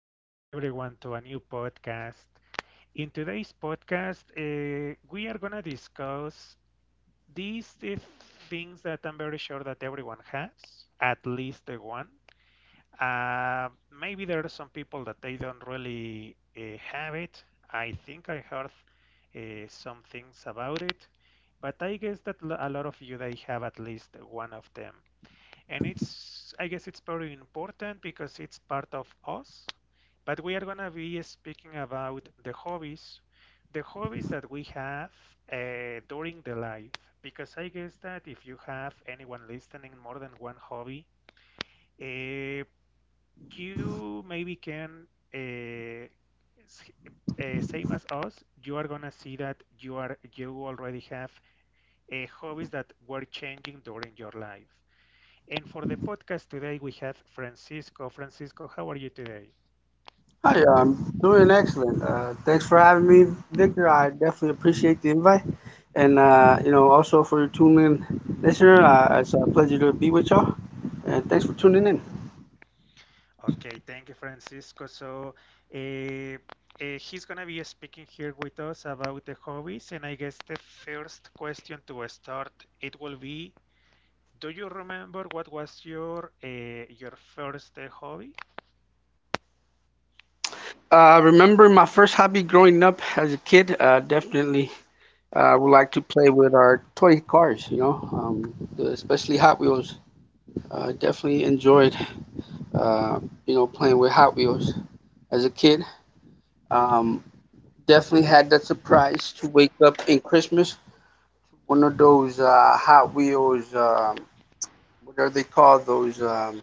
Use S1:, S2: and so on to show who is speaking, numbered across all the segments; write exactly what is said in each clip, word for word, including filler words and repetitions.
S1: thank you everyone to a new podcast. In today's podcast, uh, we are going to discuss these uh, things that I'm very sure that everyone has, at least the one. Uh, Maybe there are some people that they don't really uh, have it. I think I heard uh, some things about it, but I guess that l- a lot of you they have at least one of them, and it's I guess it's very important because it's part of us. But we are going to be speaking about the hobbies the hobbies that we have uh, during the life, because I guess that if you have anyone listening more than one hobby, uh, you maybe can uh, s- uh, same as us, you are going to see that you are you already have uh, hobbies that were changing during your life. And for the podcast today, we have Francisco. Francisco, how are you today?
S2: Hi, I'm doing excellent. Uh, thanks for having me, Victor. I definitely appreciate the invite, and uh, you know also for your tuning in, listener. Uh, it's a pleasure to be with y'all, and thanks for tuning in.
S1: Okay, thank you, Francisco. So, uh, uh, he's gonna be speaking here with us about the hobbies, and I guess the first question to start it will be, do you remember what was your uh, your first uh, hobby?
S2: Uh, remember my first hobby growing up as a kid. Uh, definitely, uh, would like to play with our toy cars. You know, um, especially Hot Wheels. Uh, definitely enjoyed, uh, you know, playing with Hot Wheels as a kid. Um, Definitely had that surprise to wake up in Christmas, one of those uh, Hot Wheels, um, what are they called? Those um,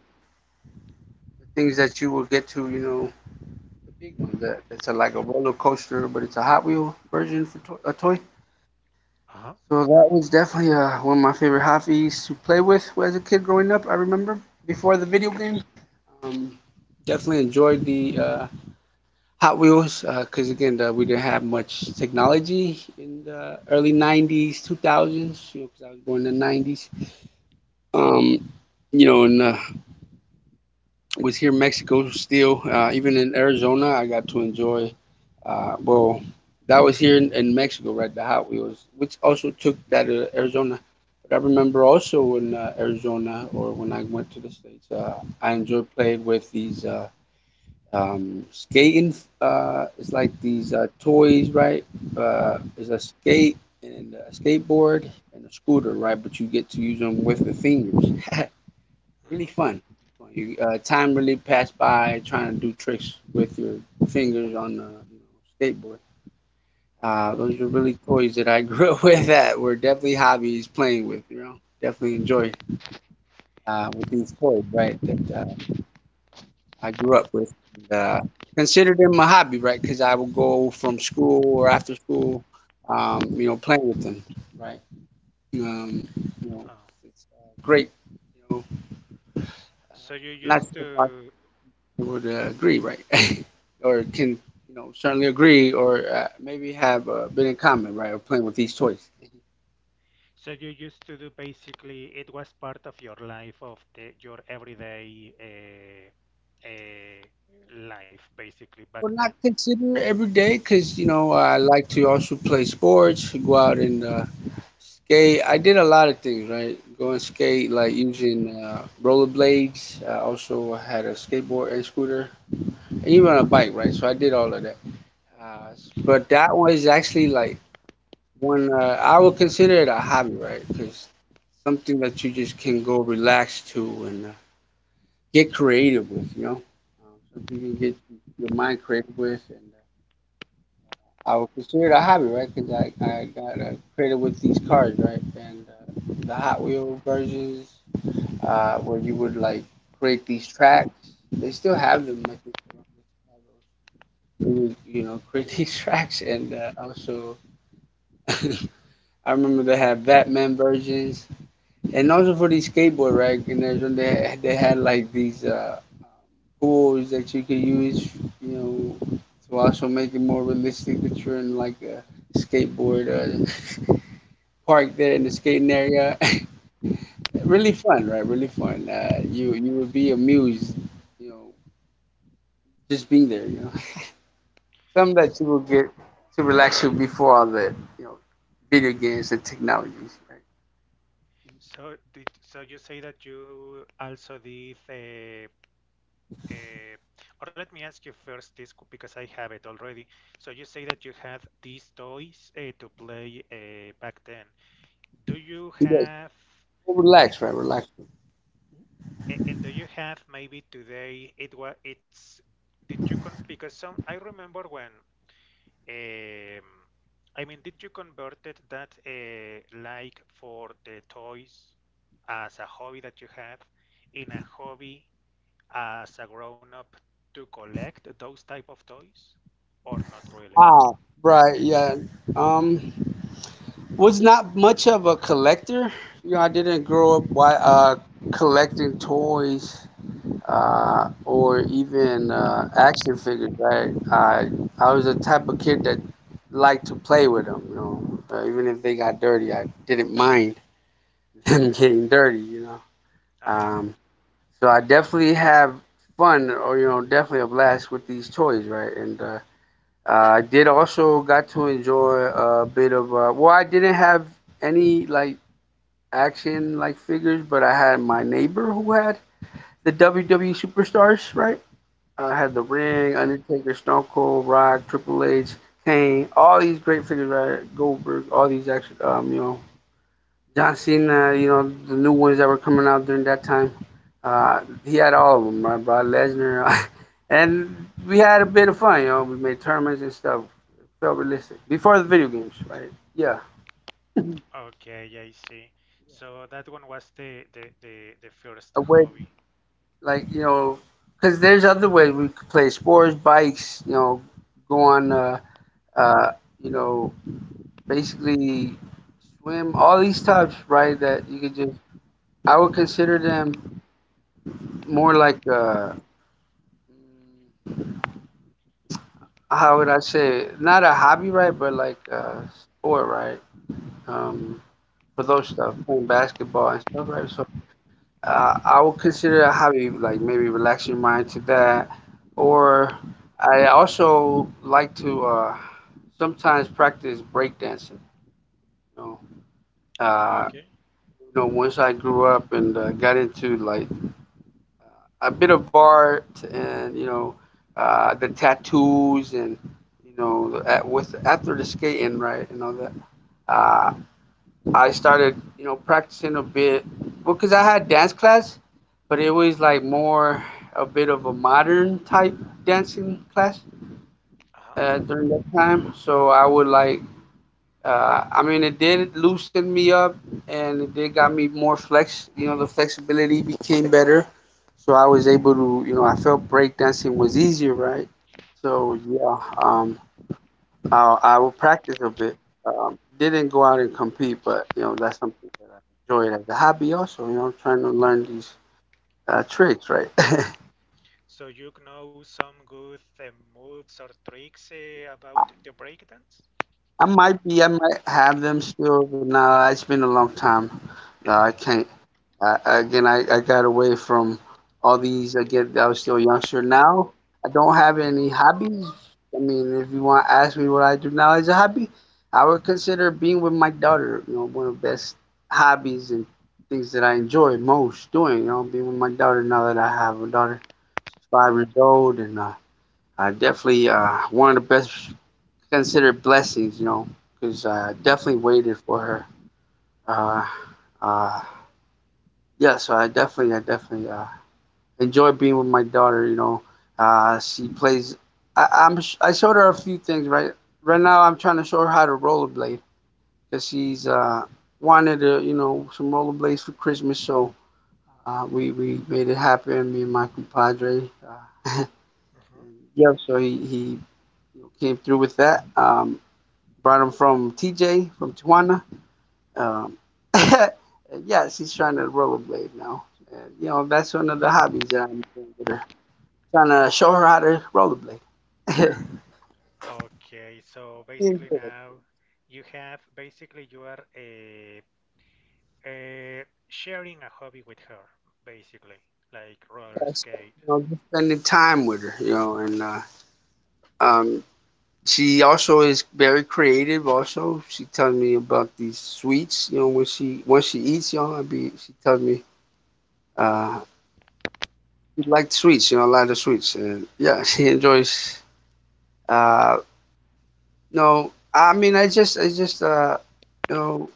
S2: things that you will get to, you know, the big one that that's a, like a roller coaster, but it's a Hot Wheel version for to- a toy.
S1: Uh-huh.
S2: So that was definitely uh, one of my favorite hobbies to play with as a kid growing up. I remember before the video game. Um, Definitely enjoyed the uh, Hot Wheels, because again, the, we didn't have much technology in the early nineties, two thousands. You know, because I was born in the nineties. Um, you know, and uh, Was here in Mexico still. Uh, even in Arizona, I got to enjoy. Uh, well, that was here in, in Mexico, right? The Hot Wheels, which also took that to Arizona. But I remember also in uh, Arizona, or when I went to the States, uh, I enjoyed playing with these uh, um, skating. Uh, it's like these uh, toys, right? Uh, it's a skate and a skateboard and a scooter, right? But you get to use them with the fingers. Really
S1: Hmm.
S2: fun. You, uh, time really passed by trying to do tricks with your fingers on the, you know, skateboard. Uh, those are really toys that I grew up with, that were definitely hobbies playing with. You know, definitely enjoyed uh, with these toys, right? That uh, I grew up with. And, uh, considered them a hobby, right? Because I would go from school or after school, um, you know, playing with them, right? Um, you know,
S1: Oh.
S2: it's uh, great. You know,
S1: S- So you
S2: not
S1: used
S2: sure if I
S1: to.
S2: would uh, agree, right? Or can, you know, certainly agree, or uh, maybe have a bit in common, right? Or playing with these toys.
S1: So you used to do, basically, it was part of your life of the, your everyday uh, uh, life basically back
S2: Well,
S1: then.
S2: not consider every day, cause you know I like to also play sports, go out and uh, skate. I did a lot of things, right? Go and skate, like
S1: Mhm.
S2: using uh, rollerblades. I also had a skateboard and scooter, and even a bike, right? So I did all of that. Uh, but that was actually like one, uh, I would consider it a hobby, right? Because something that you just can go relax to and uh, get creative with, you know? Um, Something you can get your mind creative with. And uh, I would consider it a hobby, right? Because I, I got uh, creative with these cars, right? And uh, the Hot Wheel versions, uh, where you would like create these tracks. They still have them, I think. We would, you know, create these tracks and uh, also. I remember they had Batman versions, and also for the skateboard rack in Arizona, they they had like these uh, um, tools that you could use, you know, to also make it more realistic that you're in like a skateboard uh, park there in the skating area. Really fun, right? Really fun. Uh, you you would be amused, you know, just being there. You know, some
S1: S-
S2: that you will get to relax you before all the, you know, video games and technologies. Right?
S1: So did so you say that you also did, uh, uh, or let me ask you first this, c- because I have it already. So you say that you had these toys uh, to play uh, back then. Do you
S2: You guys
S1: have?
S2: relax, right? Relax.
S1: And do you have maybe today it was it's did you con because some I remember when, um, I mean, did you converted that uh, like, for the toys, as a hobby that you have, in a hobby as a grown up, to collect those type of toys or not really?
S2: Ah, right. Yeah. Um, was not much of a collector. You know, I didn't grow up wi- uh, collecting toys uh, or even uh, action figures. Right, I I was the type of kid that liked to play with them. You know, uh, even if they got dirty, I didn't mind them
S1: Mm-hmm.
S2: getting dirty. You know,
S1: Uh-huh.
S2: um, so I definitely have fun, or you know definitely a blast with these toys, right? And uh, I did also got to enjoy a bit of uh, well, I didn't have any like action like figures, but I had my neighbor who had the W W E superstars, right? I had The
S1: Mhm.
S2: Ring, Undertaker, Stone Cold, Rock, Triple H, Kane, all these great figures, right? Goldberg, all these action, um, you know, John Cena, you know, the new ones that were coming out during that time. Uh, he had all of them, right? Brock Lesnar. And we had a bit of fun, you know, we made tournaments and stuff. It felt realistic. Before the video games, right? Yeah.
S1: Okay, I see. So that one was the the the, the first
S2: A way,
S1: hobby.
S2: like, you know, because there's other ways we could play sports, bikes, you know, go on, uh, uh, you know, basically swim, all these types, right? That you could just, I would consider them more like, uh, mm, how would I say it? Not a hobby, right? But like a sport, right? Um, for those stuff, playing basketball and stuff, right? So uh, I would consider a hobby like maybe relax your mind to that. Or I also like to uh, sometimes practice breakdancing. You know,
S1: Ah,
S2: uh,
S1: okay.
S2: you know, once I grew up and uh, got into like a bit of art, and you know uh, the tattoos, and you know at, with after the skating right and all that. Uh, I started, you know, practicing a bit. Well, because I had dance class, but it was like more a bit of a modern type dancing class
S1: Uh-huh.
S2: uh, during that time. So I would like, uh, I mean, it did loosen me up, and it did got me more flex. You know, the flexibility became better. So I was able to, you know, I felt break dancing was easier, right? So yeah, um, I, I would practice a bit. Um, didn't go out and compete, but you know, that's something enjoy it as a hobby also, you know, trying to learn these uh, tricks, right?
S1: So you know some good uh, moves or tricks uh, about the breakdance?
S2: I might be, I might have them still, but nah, it's been a long time. Uh, I can't. Uh, again, I, I got away from all these. Again, I was still a youngster. Now I don't have any hobbies. I mean, if you want to ask me what I do now as a hobby, I would consider being with my daughter. You know, one of the best hobbies and things that I enjoy most doing. You know, being with my daughter, now that I have a daughter. She's five years old, and uh, Uh, definitely uh, one of the best considered blessings, you know, because I definitely waited for her. Uh, uh, yeah, so I definitely, I definitely uh, enjoy being with my daughter. You know, uh, she plays. I, I'm sh- I showed her a few things. Right, right now I'm trying to show her how to rollerblade, because she's uh, wanted to, you know, some rollerblades for Christmas. So uh, we we made it happen. Me and my compadre. Uh,
S1: Mhm.
S2: and yeah, so he he came through with that. Um, Brought him from T J, from Tijuana. Um, yeah, she's trying to rollerblade now. And, you know, that's one of the hobbies that I'm doing with her. Trying to show her how to rollerblade.
S1: Okay, so
S2: Being
S1: basically
S2: good.
S1: now you have, basically, you are uh, uh, sharing a hobby with her, basically, like roller
S2: So,
S1: skate.
S2: you know, just spending time with her, you know, and uh, um, she also is very creative. Also, she tells me about these sweets. You know, when she when she eats, you know, I be she tells me uh, she likes sweets. You know, a lot of sweets, and yeah, she enjoys. Uh, No, I mean, I just, I just, uh, you know,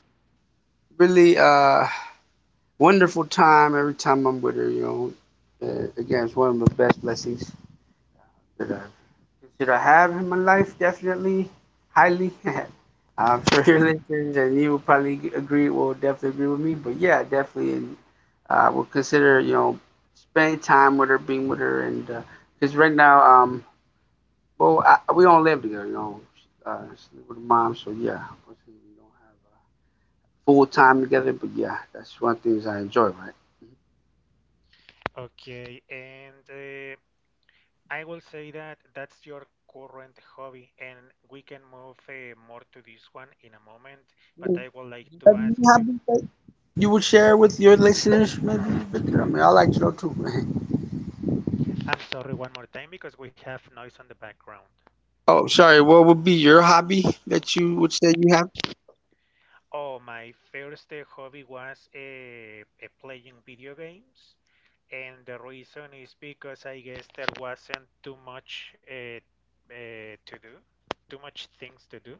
S2: really, uh, wonderful time every time I'm with her. You know, uh, again, it's one of the best blessings that I consider I have in my life. Definitely, highly. I'm sure your listeners and you will probably agree. Will definitely agree with me. But yeah, definitely, and uh, will consider you know spending time with her, being with her, and because right now, um, well, I, we don't live together. You know, uh, she live with her mom, so yeah, unfortunately, we don't have. Uh, full time together. But yeah, that's one of the things I enjoy, right?
S1: Okay, and uh, I will say that that's your current hobby, and we can move uh, more to this one in a moment.
S2: You
S1: But I would like
S2: have
S1: to
S2: any
S1: ask you.
S2: hobbies that you would share with your listeners, maybe? Victor? I mean, I like to know too.
S1: I'm sorry, one more time because we have noise on the background.
S2: Oh, sorry. What would be your hobby that you would say you have?
S1: Oh, my first uh, hobby was uh, uh, playing video games, and the reason is because I guess there wasn't too much uh, uh, to do, too much things to do.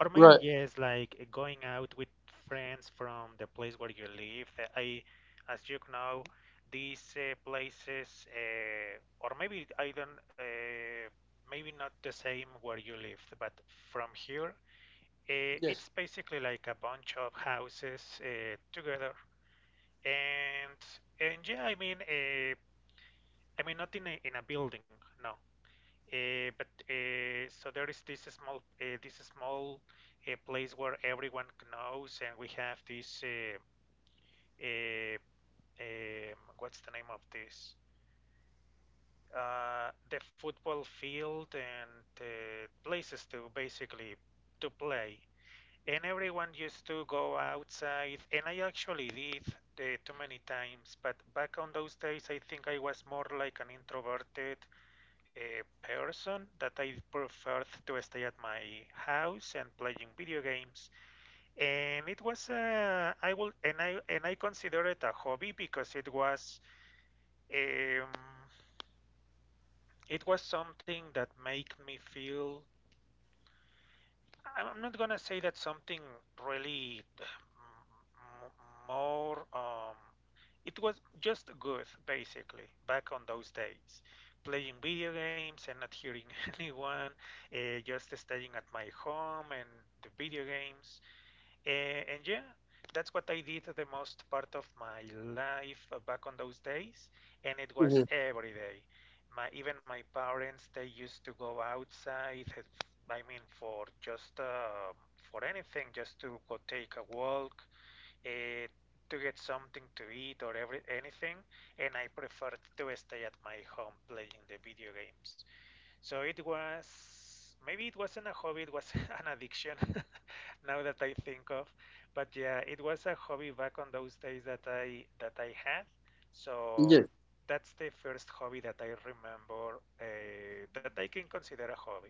S1: Or maybe
S2: Right.
S1: yes, like uh, going out with friends from the place where you live. Uh, I, as you know, these uh, places, uh, or maybe I don't, uh, maybe not the same where you live, but from here, uh,
S2: Yes.
S1: it's basically like a bunch of houses uh, together. And and yeah, I mean, uh, I mean not in a in a building, no. Uh, but uh, So there is this small, uh, this small uh, place where everyone knows, and we have this uh, uh, um, what's the name of this? Uh, the football field and uh, places to, basically, to play. And everyone used to go outside, and I actually did, uh, too many times. But back on those days, I think I was more like an introverted, a person that I preferred to stay at my house and playing video games. And it was, uh, I will and I and I consider it a hobby because it was um, it was something that made me feel, I'm not gonna say that something really more. Um, it was just good, basically, back on those days. Playing video games and not hearing anyone, uh, just staying at my home and the video games. A- and yeah, that's what I did the most part of my life uh, back on those days, and it was
S2: Hmm.
S1: every day. My even my parents they used to go outside. uh, I mean, for just, uh, for anything, just to go take a walk, uh, to get something to eat or every anything. And I preferred to stay at my home playing the video games. So it was, maybe it wasn't a hobby, it was an addiction now that I think of. But yeah, it was a hobby back on those days that I that I had. So
S2: Yes.
S1: that's the first hobby that I remember uh, that I can consider a hobby.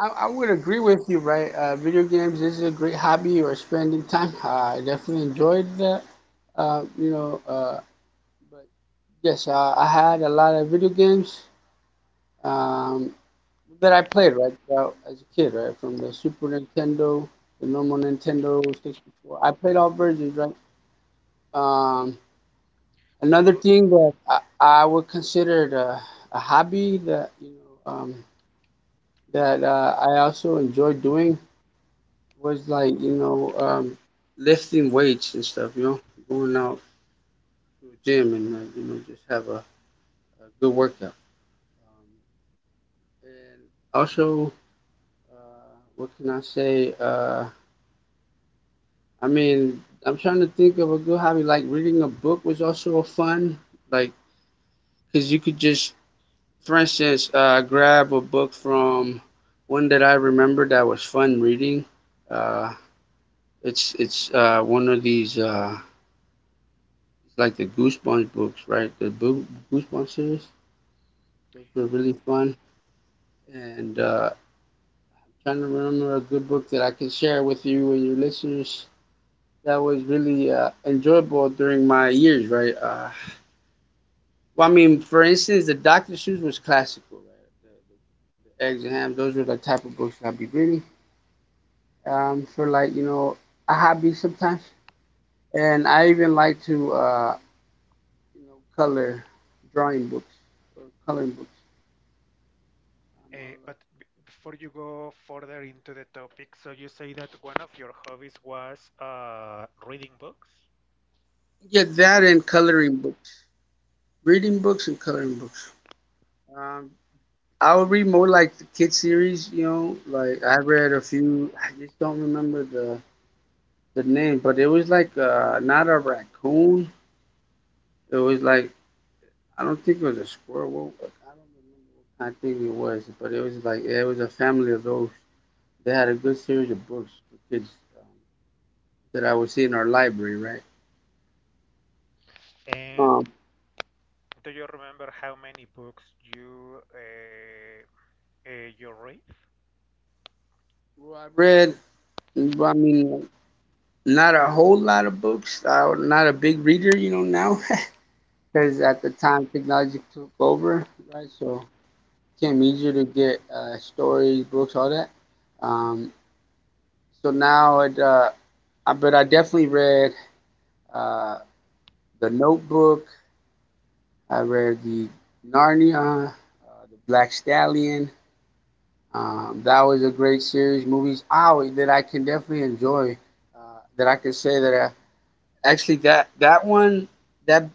S2: I, I would agree with you, right? Uh, video games is a great hobby, or spending time. I definitely enjoyed that. Uh, you know, uh, but yes, uh, I had a lot of video games. Um, that I played right throughout as a kid, right? From the Super Nintendo, the normal Nintendo sixty-four. I played all versions, right? Um, Another
S1: So,
S2: thing that I, I would consider it a, a hobby that you know um, that uh, I also enjoyed doing was like you know um, lifting weights and stuff. You know, going out to a gym and uh, you know just have a, a good workout. Um, and also, uh, what can I say? Uh, I mean, I'm trying to think of a good hobby. Like reading a book was also a fun, like, because you could just, for instance, uh, grab a book from one that I remember that was fun reading. Uh, it's it's uh, one of these uh, It's like the Goosebumps books, right? The Boo- Goosebumps series. Those were really fun. And uh, I'm trying to remember a good book that I could share with you and your listeners that was really uh, enjoyable during my years, right? Uh, Well, I mean, for instance, the doctor Seuss was classical, right? The, the, the eggs and ham, those were the type of books that I'd be reading um, for like, you know, a hobby sometimes. And I even like to, uh, you know, color drawing books or coloring books.
S1: uh,
S2: Um, I
S1: but b Before you go further into the topic, so you say that one of your hobbies was uh, reading books,
S2: would like to- yeah, that and coloring books, reading books and coloring books. Um, I would read more like the kid series, you know, like I read a few, I just don't remember the, the name, but it was like uh, not a raccoon. It was like I don't think it was a squirrel. I don't remember what kind of thing it was, but it was like it was a family of those. They had a good series of books for kids um, that I would see in our library, right?
S1: and
S2: Um,
S1: do you remember how many books you uh, Uh, your race?
S2: well, I read, well, I mean, not a whole lot of books. I'm not a big reader, you know, now because
S1: Hmm.
S2: at the time technology took over, right? So it became easier to get uh, stories, books, all that. Um, so now it, uh, I, but I definitely read uh, The Notebook. I read the Narnia, uh, the Black Stallion. Um, that was a great series. Movies oh, that I can definitely enjoy. Uh, that I can say that I, actually that that one that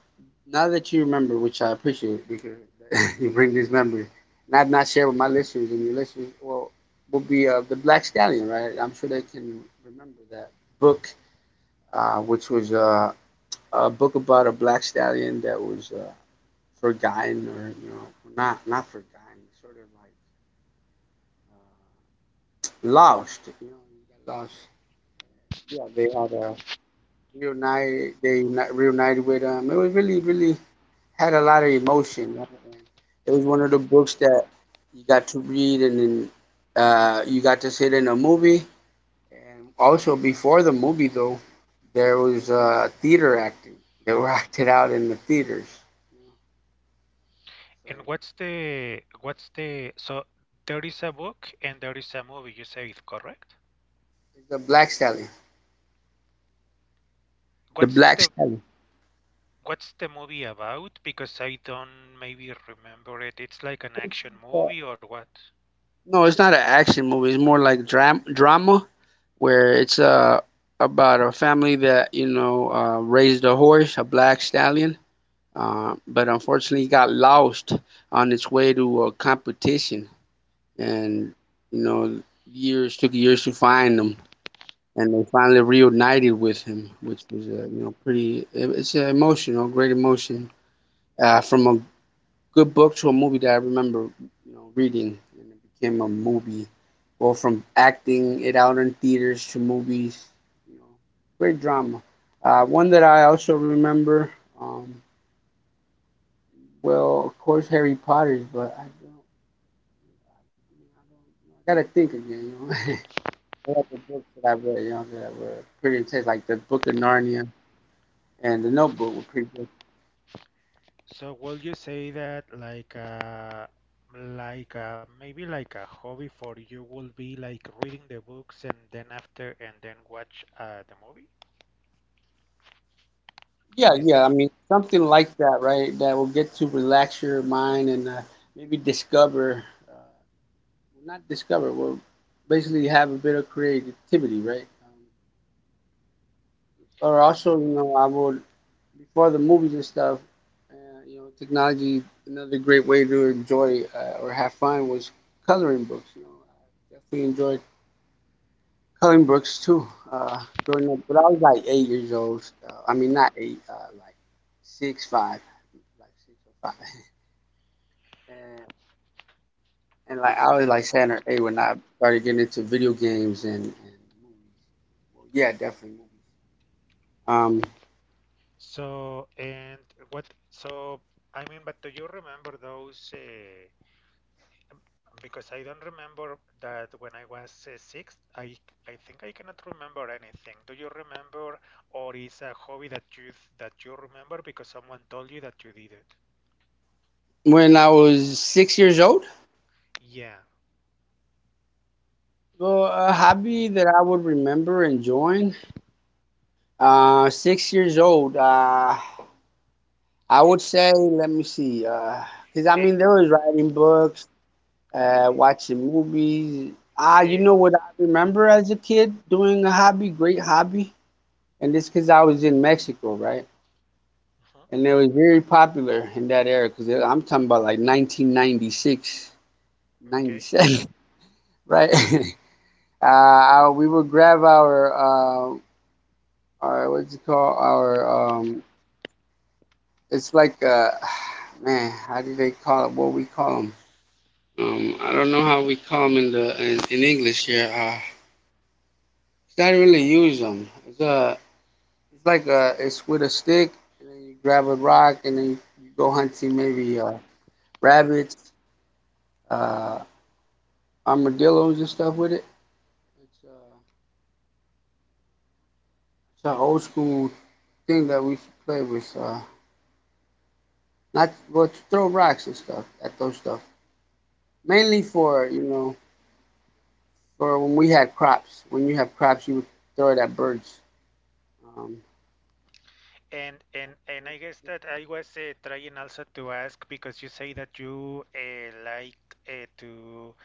S2: now that you remember, which I appreciate because you bring this memory, and I've not shared with my listeners and your listeners. Well, will be uh, the Black Stallion, right? I'm sure they can remember that book, uh, which was uh, a book about a black stallion that was uh, forgotten or you know well, not not forgotten, sort of like uh, lost. You know, you got lost. Yeah, they had uh, reunited, they uni- reunited with um. It was really really had a lot of emotion. And it was one of the books that you got to read and then uh, you got to sit in a movie. And also before the movie though, there was uh, theater acting. They were acted out in the theaters. So
S1: And what's the what's the so there is a book and there is a movie, you say it correct?
S2: it's the Black Stallion. The
S1: What's
S2: Black
S1: the
S2: Stallion.
S1: what's the movie about? Because I don't maybe remember it. It's like an action
S2: Yeah.
S1: movie or what?
S2: No, it's not an action movie. It's more like dram- drama, where it's uh about a family that you know uh, raised a horse, a black stallion, uh, but unfortunately got lost on its way to a competition,
S1: Hmm.
S2: and you know years took years to find him, and they finally reunited with him, which was uh, you know pretty. it- It's uh, emotional, great emotion uh, from a good book to a movie that I remember, you know, reading, and it became a movie. Well, from acting it out in theaters to movies, you know, great drama. Uh, one that I also remember, um, well, of course, Harry Potter's, but I don't, I don't, I gotta think again, you know. What other books that I read, you know, that were pretty intense, like the Book of Narnia and the Notebook were pretty good.
S1: So will you say that, like, uh like uh maybe, like, a hobby for you will be like reading the books and then, after and then watch uh the movie?
S2: Yeah,
S1: Or is
S2: yeah. I mean, something like that, right? That will get to relax your mind and uh, maybe discover, uh, well, not discover, well, basically have a bit of creativity, right? Um, or also, you know, I would, before the movies and stuff, uh, you know, technology, another great way to enjoy uh, or have fun was coloring books. You know, I definitely enjoyed coloring books too uh, growing up. But I was like eight years old. Uh, I mean, not eight, uh, like six, five, like six or five. And, and like I was like saying, hey, when I started getting into video games and, and movies, well, yeah, definitely movies. Um,
S1: So, and what, so, I mean, but do you remember those? Uh, because I don't remember that when I was uh, six, I, I think I cannot remember anything. Do you remember, or is a hobby that you that you remember because someone told you that you did it?
S2: when I was six years old,
S1: Yeah.
S2: well, a hobby that I would remember enjoying. Uh, six years old. Uh, I would say, let me see. Uh, because I
S1: Eh,
S2: mean, there was writing books, uh, watching movies. Ah, you
S1: eh,
S2: know what I remember as a kid doing a
S1: mhm.
S2: hobby, great hobby, and this because I was in Mexico, right?
S1: Mhm.
S2: And it was very popular in that era because I'm talking about like nineteen ninety-six,
S1: Okay.
S2: ninety-seven, right? Uh, I, we would grab our uh, our what's it called? Our um, it's like uh, man, how do they call it? What we call them? Um, I don't know how we call them in the in, in English here. Uh, 'cause I don't really use them. It's a it's like a it's with a stick and then you grab a rock and then you, you go hunting maybe uh, rabbits, uh, armadillos and stuff with it. It's uh, it's an old school thing that we used to play with. Uh, not well, to throw rocks and stuff at those stuff. Mainly for you know for when we had crops. When you have crops, you would throw it at birds. Um,
S1: And and and I guess that I was, uh, trying also to ask because you say that you uh, liked, uh, to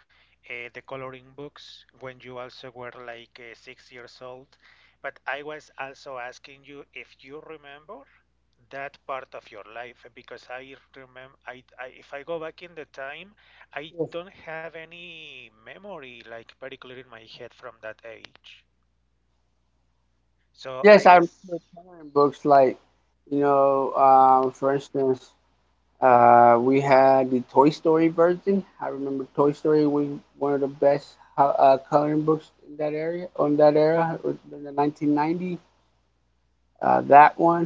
S1: uh, the coloring books when you also were like, uh, six years old, but I was also asking you if you remember that part of your life, because I remember, I, I if I go back in the time, I don't have any memory, like, very clear in my head from that age. So I
S2: yes, I remember
S1: guess.
S2: coloring books like you know uh, for instance Uh, we had the Toy Story version. I remember Toy Story was one of the best uh, coloring books in that area, on that era, in the nineteen nineties. Uh, that one.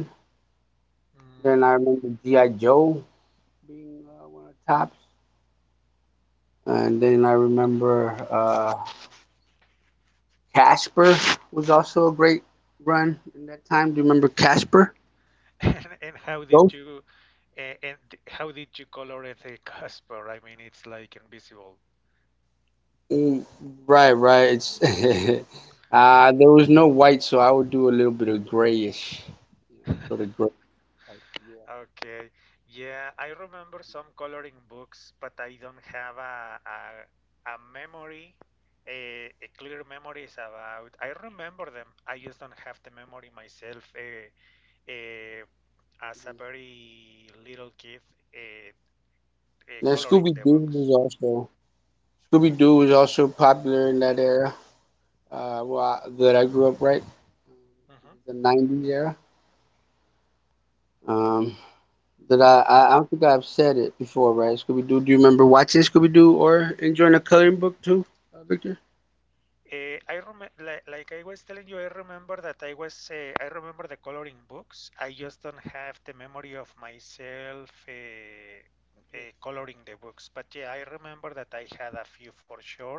S1: Mm.
S2: Then I remember G I. Joe being uh, one of the tops. And then I remember uh, Casper was also a great run in that time. Do you remember Casper?
S1: And, and how did
S2: Those?
S1: you a- and how did you color it a Casper? I mean, it's like invisible.
S2: Mm, right, right. It's uh, there was no white, so I would do a little bit of grayish, you know, sort of gray. Yeah.
S1: Okay. Yeah, I remember some coloring books, but I don't have a a, a memory, a, a clear memories about. I remember them. I just don't have the memory myself. Uh, uh, as a
S2: Mhm.
S1: very little kid, uh, uh,
S2: Now
S1: coloring
S2: Scooby
S1: the
S2: Doo was
S1: books.
S2: also Scooby Doo was also popular in that era. Uh, well, I- that I grew up right,
S1: Mhm.
S2: the nineties era. Um, that I, I I don't think I've said it before, right? Scooby Doo. Do you remember watching Scooby Doo or enjoying a coloring book too, uh, Victor?
S1: Uh, I rem like, like I was telling you, I remember that I was uh, I remember the coloring books. I just don't have the memory of myself uh, uh, coloring the books. But yeah, I remember that I had a few for sure.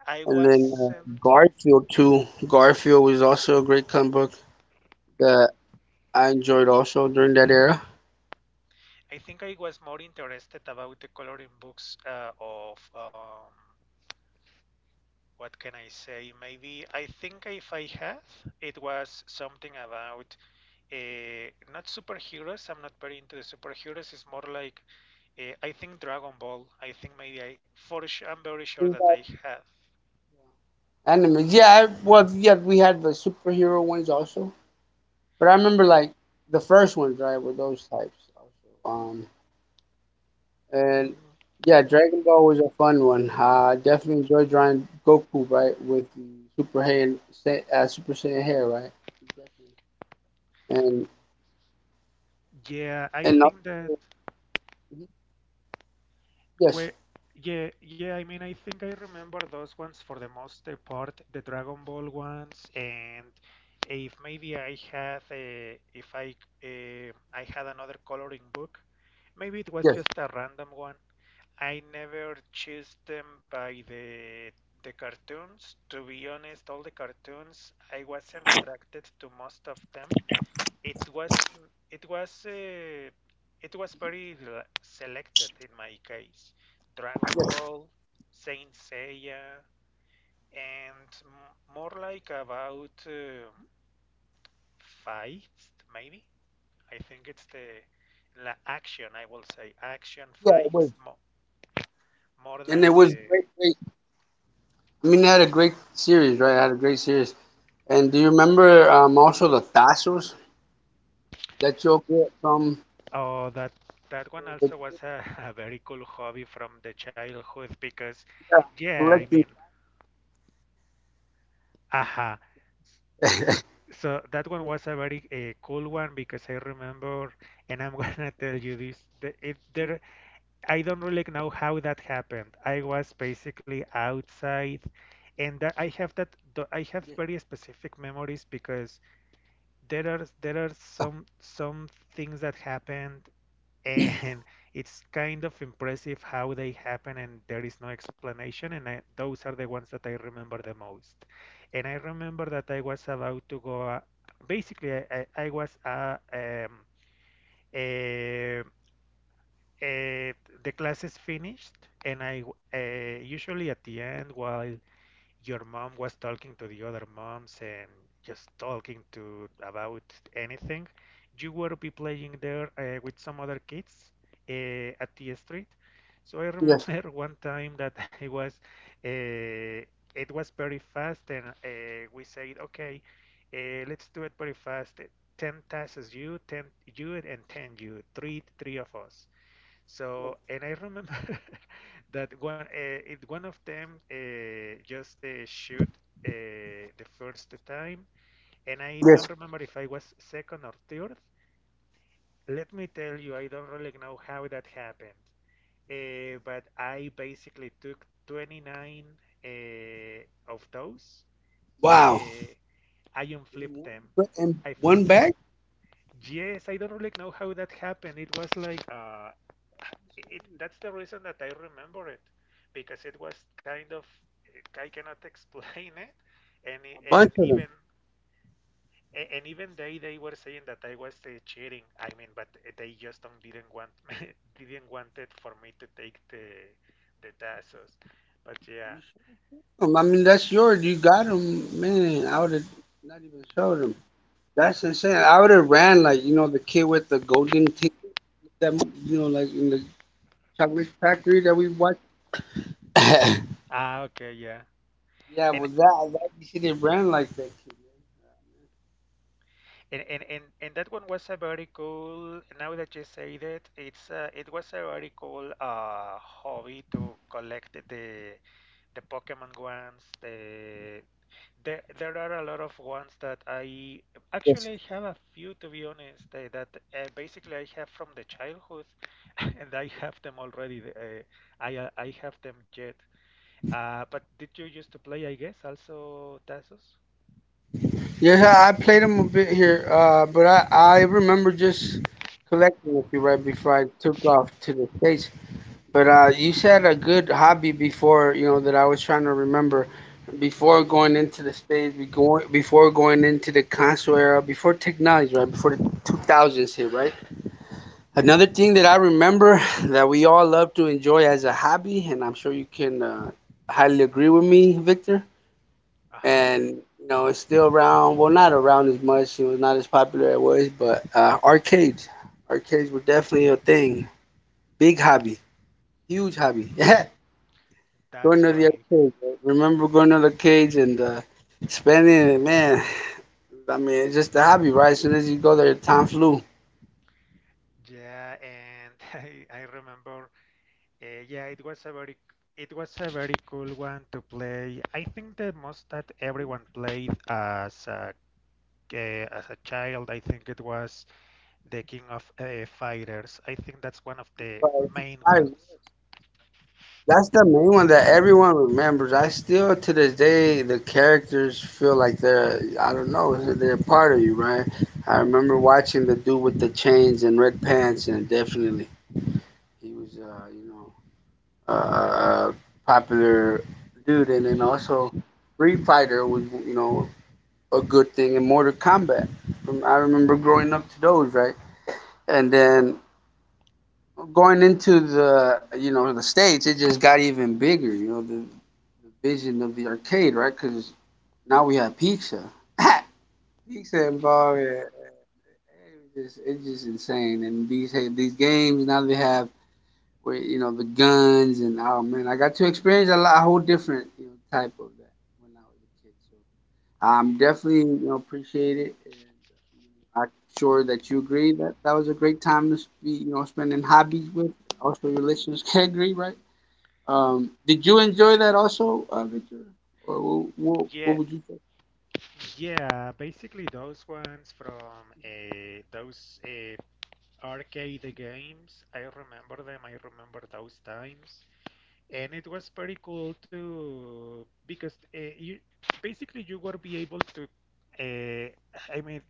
S1: I
S2: And then uh,
S1: wasn't.
S2: Garfield too. Garfield was also a great comic book that I enjoyed also during that era.
S1: I think I was more interested about the coloring books uh, of, um, what can I say? Maybe I think if I had, it was something about, Uh, not superheroes. I'm not very into the superheroes. It's more like uh, I think Dragon Ball. I think maybe I, for sure. I'm very sure that I have.
S2: Animals, yeah. I, well, yeah, we had the superhero ones also. But I remember like the first ones, right, were those types also. Um, and yeah, Dragon Ball was a fun one. I definitely enjoyed drawing Goku, right, with the Super Saiyan, Sai- uh, Super Saiyan hair, right? Definitely. And
S1: Yeah, I
S2: and also,
S1: think that
S2: mhm,
S1: we
S2: yes,
S1: yeah, yeah, I mean, I think I remember those ones for the most uh, part, the Dragon Ball ones. And if maybe I had a, if I uh, I had another coloring book, maybe it was
S2: yes,
S1: just a random one. I never choose them by the the cartoons. To be honest, all the cartoons, I wasn't attracted to most of them. It was, it was uh, it was very l- selected in my case. Dragon Ball, Saint Seiya, and m- more like about uh, fights, maybe. I think it's the la action. I will say action
S2: yeah, it was.
S1: fights mo more
S2: And
S1: than
S2: it was
S1: the.
S2: great, great. I mean, they had a great series, right? I had a great series. And do you remember um, also the tassels that you'll get from
S1: Oh, that that one
S2: the,
S1: also was a, a very cool hobby from the childhood because,
S2: yeah,
S1: yeah, I mean,
S2: collecting?
S1: aha. So, so that one was a very uh, cool one because I remember, and I'm gonna tell you this. The, it, there, I don't really know how that happened. I was basically outside, and that I have that. the- I have
S2: Yes,
S1: very specific memories because there are there are some some things that happened, and it's kind of impressive how they happen, and there is no explanation. And I, those are the ones that I remember the most, and I remember that I was about to go, uh, basically I, I, I was uh, um, uh, uh, the class is finished, and I, uh, usually at the end, while your mom was talking to the other moms, and just talking to about anything, you would be playing there uh, with some other kids uh, at the street. So I
S2: yes,
S1: remember one time that I was, uh, it was very fast, and uh, we said, okay, uh, let's do it very fast. Uh, Ten tasks: you, ten; you, and ten; you, three, three, of us. So, and I remember that one, uh, it, one of them uh, just uh, shoot uh, the first time, and I don't
S2: yes.
S1: remember if I was second or third. Let me tell you, I don't really know how that happened, uh, but I basically took twenty-nine uh, of those.
S2: Wow.
S1: Uh, I
S2: in
S1: unflipped
S2: one
S1: them.
S2: ba- in
S1: I
S2: one
S1: flipped them.
S2: bag,
S1: Yes, I don't really know how that happened. It was like uh, it that's the reason that I remember it because it was kind of eh, I cannot explain it and
S2: a
S1: and
S2: bunch of
S1: even
S2: them.
S1: and even they they were saying that I was uh, cheating, I mean, but eh, they just don't, didn't want didn't want it for me to take the the tasks, but yeah.
S2: Um, I mean, that's yours. You got them, man. I would have not even showed them. That's insane. I would have ran like you know the kid with the golden ticket. That mo- you know, like in the chocolate factory that we watched. Yeah,
S1: Ah, okay, yeah. and
S2: well, that that you should have ran like that kid.
S1: And, and, and, and that one was a very cool, now that you say that. It's uh, it was a very cool uh, hobby to collect the the Pokemon ones. The, the there are a lot of ones that I
S2: Yes.
S1: actually have a few, to be honest, uh, that uh, basically I have from the childhood, and I have them already. Uh, I uh, I have them yet. Uh, but did you used to play? I guess also Tazos.
S2: Yes, I, I played them a bit here, uh, but I I remember just collecting a few right before I took off to the states. But uh, you said a good hobby before, you know, that I was trying to remember. Before going into the stage, be going before going into the console era, before technology, right? Before the two thousands hit, right? Another thing that I remember that we all love to enjoy as a hobby, and I'm sure you can uh, highly agree with me, Victor.
S1: Uh huh.
S2: And you know, it's still around. Well, not around as much. It was not as popular as it was, but uh, arcades, arcades were definitely a thing. Big hobby, huge hobby.
S1: Mm,
S2: Going to
S1: that's
S2: the
S1: right.
S2: arcade. I remember going to the cage and uh, spending it, man. I mean, it's just a hobby, right? As soon as you go there, time flew.
S1: Yeah, and I, I remember, uh, yeah, it was a very it was a very cool one to play. I think the most that everyone played as a uh, as a child, I think it was the King of uh, Fighters. I think that's one of the
S2: But
S1: main
S2: I-
S1: ones.
S2: That's the main one that everyone remembers. I still, to this day, the characters feel like they're, I don't know, they're a part of you, right? I remember watching the dude with the chains and red pants, and definitely he was, uh, you know, a uh, popular dude. And then also, Free Fighter was, you know, a good thing in Mortal Kombat. Um, I remember growing up to those, right? And then going into the you know the states, it just got even bigger. You know the, the vision of the arcade, right? Because now we have pizza, pizza involved. Yeah. It just it's just insane. And these hey, these games now they have where you know the guns and oh man, I got to experience a, lot, a whole different you know, type of that when I was a kid. So I'm definitely you know appreciate it. And I'm sure that you agree that that was a great time to be, you know, spending hobbies with. Also, your listeners can agree, right? Um, did you enjoy that also, uh, Victor? Or what,
S1: Yeah,
S2: what, would you say?
S1: yeah, basically those ones from uh, those uh, arcade games. I remember them. I remember those times. And it was pretty cool to, because uh, you basically you were be able to uh, I mean,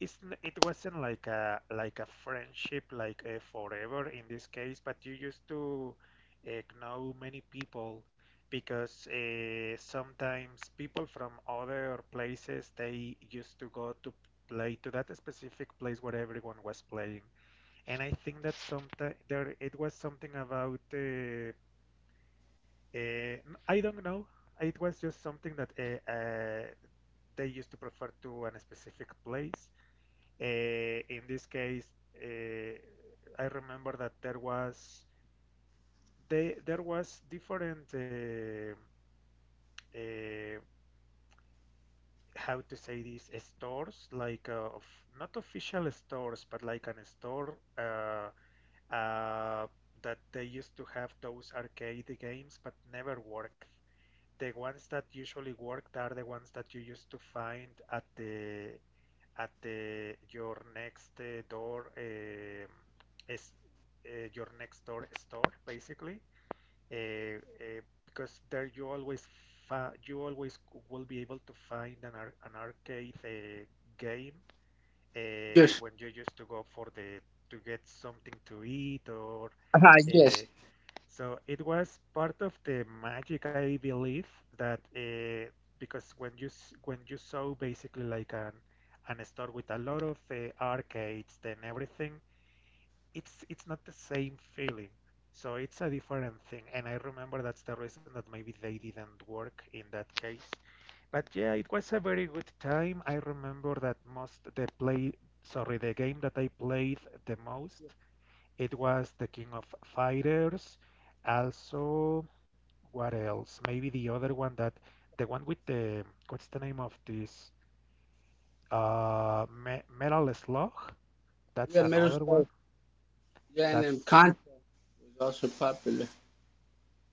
S1: it's n- it wasn't like a like a friendship like a forever in this case, but you used to uh, know many people because uh, sometimes people from other places they used to go to play to that specific place where everyone was playing. And I think that sometimes there it was something about uh, uh, I don't know. It was just something that uh, uh, they used to prefer to a specific place. Uh, in this case, uh, I remember that there was they, there was different uh, uh, how to say, this stores like uh, of, not official stores, but like an store, uh, uh, that they used to have those arcade games but never worked. The ones that usually worked are the ones that you used to find at the at the your next uh, door, um, is, uh, your next door store, basically. uh, uh, because there you always you always will be able to find an, ar- an arcade uh, game uh,
S2: Yes.
S1: when you used to go for the to get something to eat or
S2: Uh, yes.
S1: uh, so it was part of the magic, I believe, that uh, because when you s- when you saw basically like an an store with a lot of uh, arcades and everything, it's it's not the same feeling. So it's a different thing, and I remember that's the reason that maybe they didn't work in that case. But yeah, it was a very good time. I remember that most the play, sorry, the game that I played the most, it was the King of Fighters. Also, what else? Maybe the other one that the one with the what's the name of this? Uh, Me Metal Slug. That's
S2: Yeah, Metal
S1: another one.
S2: Slug. Yeah, and then
S1: That's
S2: Contra was also popular.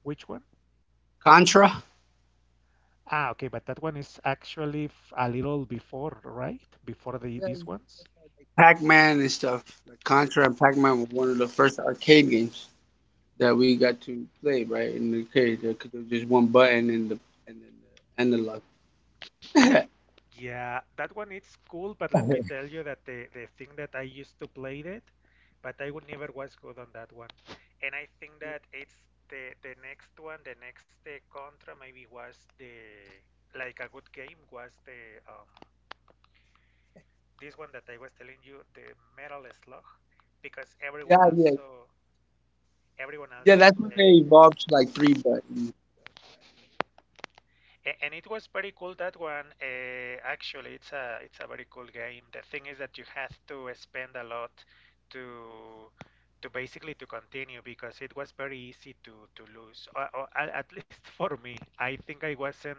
S1: which one?
S2: Contra?
S1: Ah, okay, but that one is actually f- a little before, right? Before the
S2: Yeah,
S1: these
S2: you
S1: ones.
S2: had, like Pac-Man and stuff. Like Contra and Pac-Man were one of the first arcade games that we got to play, right? In the arcade, because there was just one button and the and then the analog.
S1: Yeah, that one it's cool, but let me tell you that the the thing that I used to play it, but I would never was good on that one. And I think that it's the the next one, the next uh, Contra maybe was the like a good game was the, um, this one that I was telling you, the Metal Slug, because
S2: yeah,
S1: everyone
S2: yeah,
S1: also everyone
S2: Yeah,
S1: also
S2: that's when they
S1: play.
S2: evolved to like three buttons.
S1: A- And it was pretty cool that one. Uh, actually, it's a it's a very cool game. The thing is that you have to spend a lot to to basically to continue, because it was very easy to to lose. Or, or a- at least for me, I think I wasn't.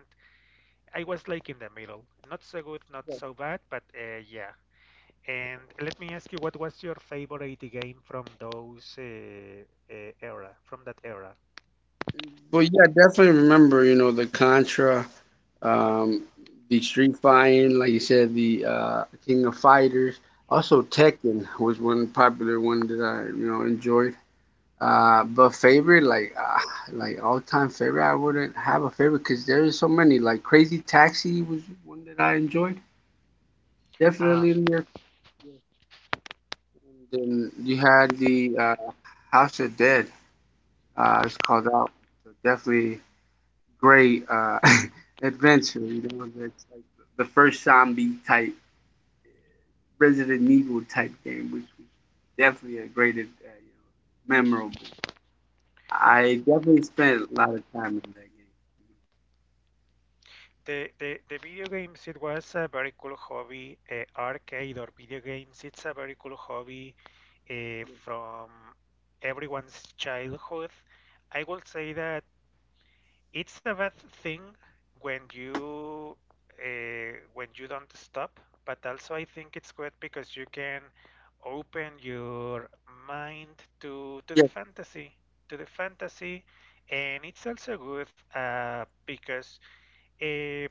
S1: I was like in the middle, not so good, not so bad, but uh, yeah. And let me ask you, what was your favorite game from those uh, uh, era, from that era?
S2: But yeah, definitely remember, you know, the Contra, um, the Street Fighting, like you said, the uh, King of Fighters. Also, Tekken was one popular one that I, you know, enjoyed. Uh, but favorite, like, uh, like all time favorite, I wouldn't have a favorite because there is so many. Like Crazy Taxi was one that I enjoyed. Definitely in there. And then you had the uh, House of Dead. Uh, it's called out. So definitely. Great uh, adventure. You know, that's like the first zombie type Resident Evil type game, which was definitely a great, uh, you know, memorable. I definitely spent a lot of time in that game.
S1: The, the, the video games, it was a very cool hobby. Uh, arcade or video games, it's a very cool hobby uh, from everyone's childhood. I will say that it's a bad thing when you uh, when you don't stop, but also I think it's good because you can open your mind to to the
S2: Yes,
S1: fantasy, to the fantasy, and it's also good, uh, because. Uh,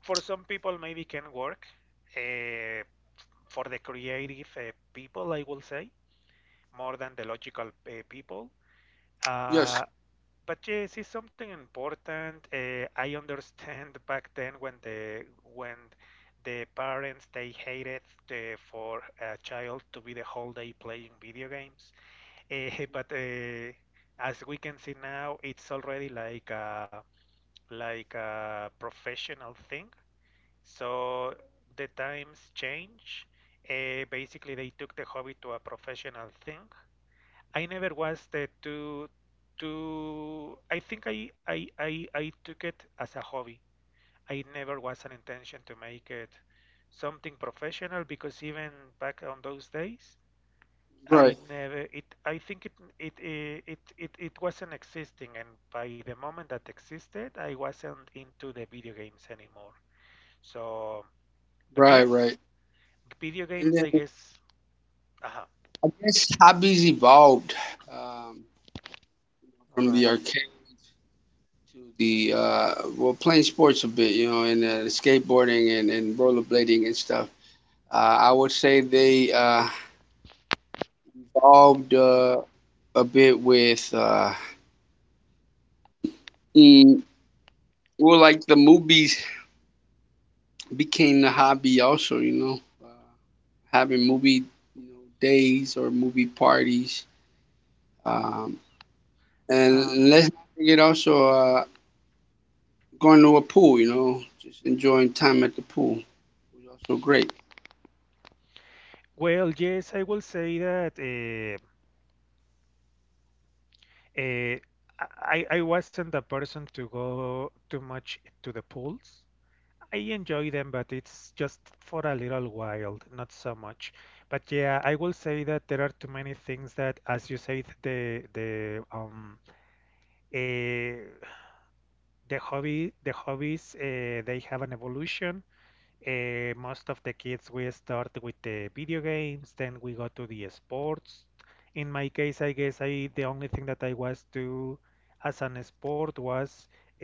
S1: for some people maybe can work uh, for the creative uh, people, I will say, more than the logical uh, people,
S2: yes,
S1: uh, but yes, it's something important. uh, I understand back then when the when the parents they hated the, for a child to be the whole day playing video games, uh, but uh, as we can see now, it's already like a, like a professional thing, so the times change. Uh, basically, they took the hobby to a professional thing. I never was the too too. I think I I I, I took it as a hobby. I never was an intention to make it something professional, because even back on those days, I
S2: right,
S1: never it. I think it it eh, it it, it wasn't existing, and by the moment that existed, I wasn't into the video games anymore. So. But
S2: right,
S1: yeah,
S2: right.
S1: video
S2: And
S1: games,
S2: then
S1: I guess. Uh-huh.
S2: I guess hobbies evolved, um, from the
S1: Right.
S2: arcade to the uh, well, playing sports a bit, you know, and uh, skateboarding and, and rollerblading and stuff. Uh, I would say they uh, involved uh, a bit with, uh, mm, well, like the movies became the hobby also, you know, uh, having movie you know, days or movie parties, um,
S1: Uh,
S2: and let's not forget also uh, going to a pool, you know, just enjoying time at the pool was also great.
S1: well, yes, I will say that uh, uh, I I wasn't a person to go too much to the pools. I enjoy them, but it's just for a little while, not so much. But yeah, I will say that there are too many things that, as you said, the the um, uh, the hobby the hobbies uh, they have an evolution. Uh, most of the kids we start with the video games, then we go to the sports. In my case, I guess I the only thing that I was to as an sport was a,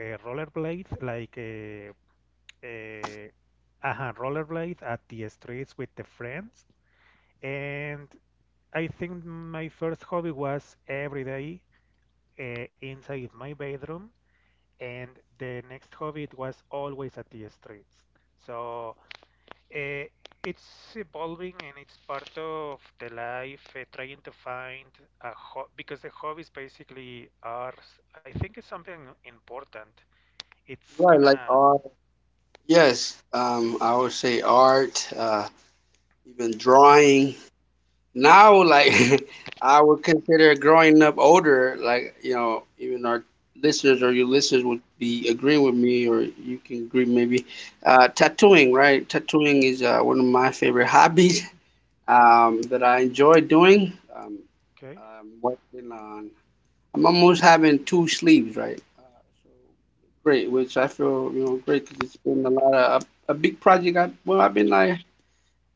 S1: a rollerblade, like a, a, aha, rollerblade at the streets with the friends. And I think my first hobby was every day uh, inside my bedroom, and the next hobby it was always at the streets. So, uh, it's evolving and it's part of the life, uh, trying to find a ho because the hobbies basically are, s- I think it's something important. It's
S2: Right, like
S1: gonna,
S2: art. Yes, um, I would say art, uh, even drawing. Now, like I would consider growing up older, like you know, even our listeners or your listeners would be agreeing with me, or you can agree maybe. Uh, tattooing, right? Tattooing is uh, one of my favorite hobbies, um, that I enjoy doing. Um,
S1: okay.
S2: I'm working on. I'm almost having two sleeves, right? Uh, so great, which I feel you know great because it's been a lot of a, a big project. I well, I've been like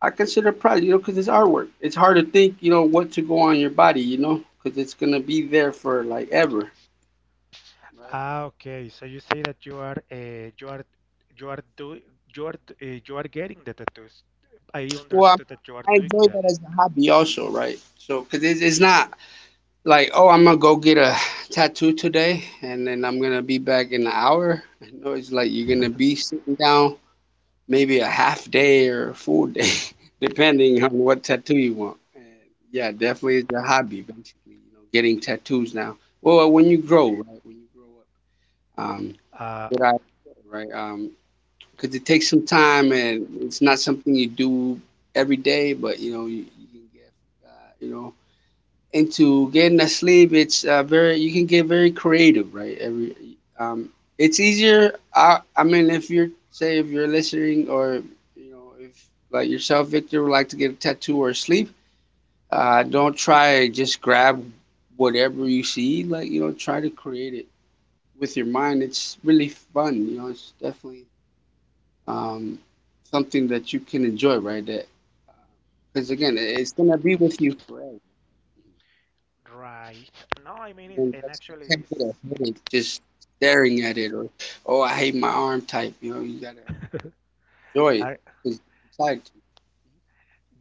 S2: I consider pride, you know, because it's artwork. It's hard to think, you know, what to go on your body, you know, because it's gonna be there for like ever, right?
S1: Ah, okay. So you say that you are, uh, you are, you are doing, you are, d- uh, you are getting the tattoos. I
S2: Well,
S1: understood that you are
S2: I, I
S1: doing
S2: enjoy
S1: them.
S2: that as a hobby also, right? So, because it's, it's not like, oh, I'm gonna go get a tattoo today and then I'm gonna be back in an hour. No, it's like you're gonna be sitting down maybe a half day or a full day, depending on what tattoo you want. And yeah, definitely it's a hobby, basically, you know, getting tattoos now. Well, when you grow, right? When you grow up. Um,
S1: Uh,
S2: Good idea, right? Um, because it takes some time and it's not something you do every day, but you know, you, you can get, uh, you know, into getting that sleep. It's uh, very, you can get very creative, right? Every, um, it's easier. I, I mean, if you're, say, if you're listening or, you know, if like yourself, Victor, would like to get a tattoo or sleep, uh, don't try just grab whatever you see, like, you know, try to create it with your mind. It's really fun, you know. It's definitely um, something that you can enjoy, right? That because again, it- it's gonna be with you forever.
S1: right. No, I mean it,
S2: And
S1: and
S2: that's, you
S1: actually
S2: can't get a
S1: is.
S2: headache just staring at it, or oh, I hate my arm type. You know, you gotta enjoy it
S1: I,
S2: because you decide to.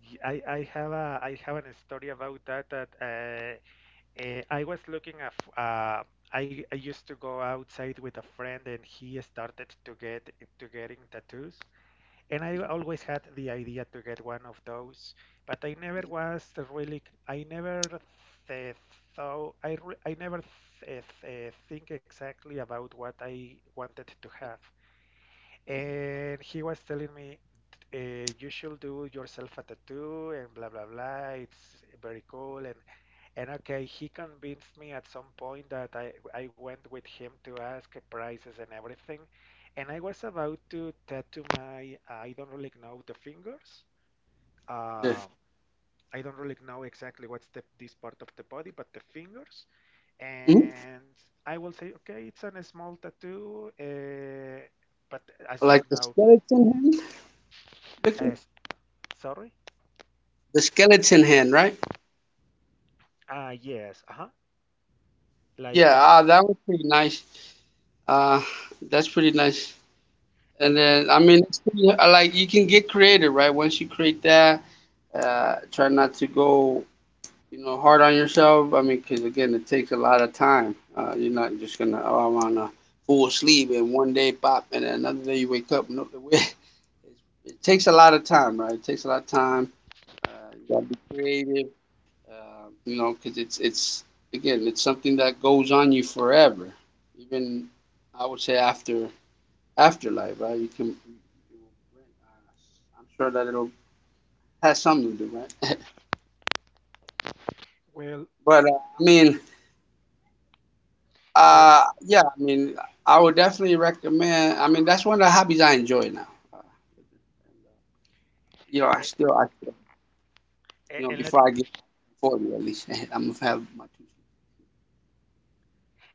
S1: Y- I, I have a I have an story about that that uh, uh, I was looking at uh, I, I used to go outside with a friend and he started to get to getting tattoos, and I always had the idea to get one of those, but I never was really I never th thought I, re- I never th uh, think exactly about what I wanted to have. And he was telling me, uh, you should do yourself a tattoo and blah blah blah. It's very cool. And and okay, he convinced me at some point that I I went with him to ask prices and everything, and I was about to tattoo my I don't really know the fingers.
S2: Yeah.
S1: Um, I don't really know exactly what's the this part of the body, but the fingers.
S2: Mhm.
S1: And I will say, okay, it's a small tattoo, uh, but as you
S2: Like the
S1: know,
S2: skeleton hand, Victor?
S1: as Sorry?
S2: The skeleton hand, right?
S1: Ah, yes. Uh-huh. Like
S2: Yeah,
S1: the
S2: uh, that was pretty nice. Uh, that's pretty nice. And
S1: like l-
S2: then, I mean, it's pretty- I like you can get creative, right? Once you create that, uh, try not to go, you know, hard on yourself. I mean, because again, it takes a lot of time. Uh, you're not just gonna, oh, I'm on a full sleep, and one day pop, and then another day you wake up. No, it, it takes a lot of time, right? It takes a lot of time. Uh, you gotta be creative, uh, you know, because it's it's again, it's something that goes on you forever. Even I would say after afterlife, right? You can, you will, uh, I'm sure that it'll has something to do, right?
S1: well,
S2: But uh, I mean,
S1: eh,
S2: uh, yeah, I mean, I would definitely recommend. I mean, that's one of the hobbies I enjoy now. Uh, and, uh, you know, I
S1: eh,
S2: still, I still,
S1: eh,
S2: you know,
S1: and let
S2: before I get forty, at least I'm gonna have my two.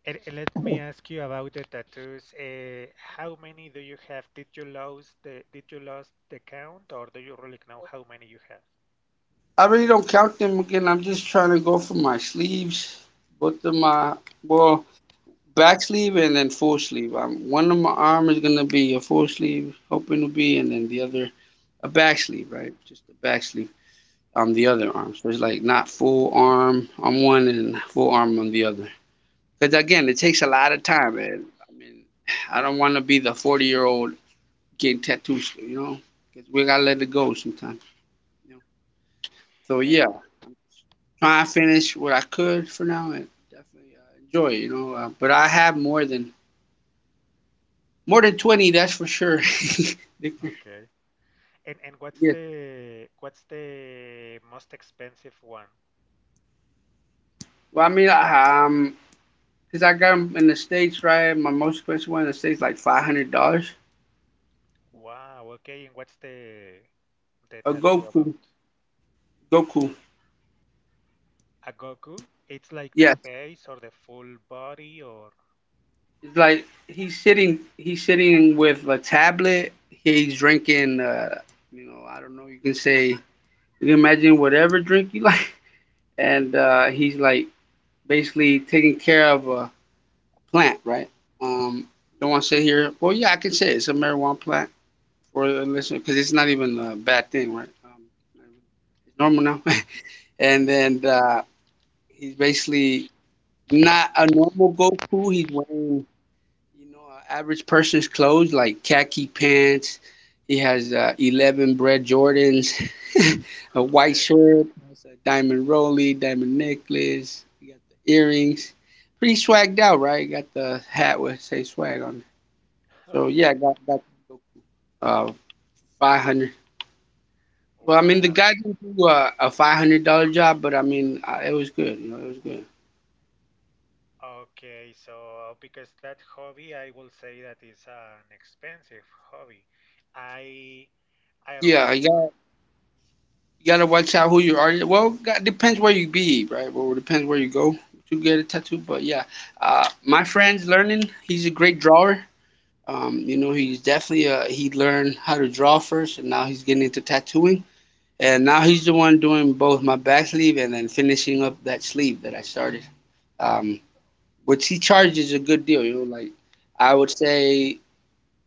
S1: and, and let me ask you about the tattoos. Eh, how many do you have? Did you lose the did you lose the count, or do you really know how many you have?
S2: I really don't count them again. I'm just trying to go for my sleeves, both of my well. Back sleeve and then full sleeve. Um, one of my arm is gonna be a full sleeve, hoping to be, and then the other a back sleeve, right? Just a back sleeve on the other arm. So it's like not full arm on one and full arm on the other. Because again, it takes a lot of time, and I mean, I don't want to be the forty year old getting tattoos, you know? Because we gotta let it go sometimes. You know? So
S1: And
S2: yeah, I'm trying to finish what I could for now and definitely uh, enjoy, you know. Uh, but I have more than More than twenty, that's for sure. Victor.
S1: okay. and and what's
S2: Yeah.
S1: the what's the most expensive one?
S2: Well, I mean, I- um, because I got 'em in the States, right? My most expensive one in the States, like five hundred dollars.
S1: Wow. Okay. And what's the the
S2: A
S1: tattoo about?
S2: Goku. Goku.
S1: A Goku? It's like the
S2: Yes.
S1: face or the full body or
S2: It's like he's sitting, he's sitting with a tablet. He's drinking, uh, you know, I don't know, you can say, you can imagine whatever drink you like. And uh, he's like basically taking care of a plant, right? Um, don't want to say here, well, yeah, I can say it's a marijuana plant. For the listener because it's not even a bad thing, right? Um, it's normal now. And then uh, he's basically not a normal Goku. He's wearing, you know, an average person's clothes like khaki pants. He has uh, eleven bread Jordans, a white
S1: okay,
S2: shirt, has a diamond rollie, diamond necklace. He got the earrings. Pretty swagged out, right? Got the hat with say swag on it. So yeah,
S1: okay.
S2: got got uh, five hundred. Well, I mean, the
S1: Wow.
S2: guy didn't do a, a five hundred dollar job, but I mean, I, it was good. You know, it was good.
S1: Okay, so uh, because that hobby, I will say that is an expensive hobby. I I
S2: Yeah, you
S1: remember.
S2: got you gotta watch out who you are. Well, got, depends where you be, right? Well, it depends where you go to get a tattoo. But yeah, uh, my friend's learning. He's a great drawer. Um, you know, he's definitely uh, he learned how to draw first, and now he's getting into tattooing. And now he's the one doing both my back sleeve and then finishing up that sleeve that I started. Um, which he charges a good deal. You know, like I would say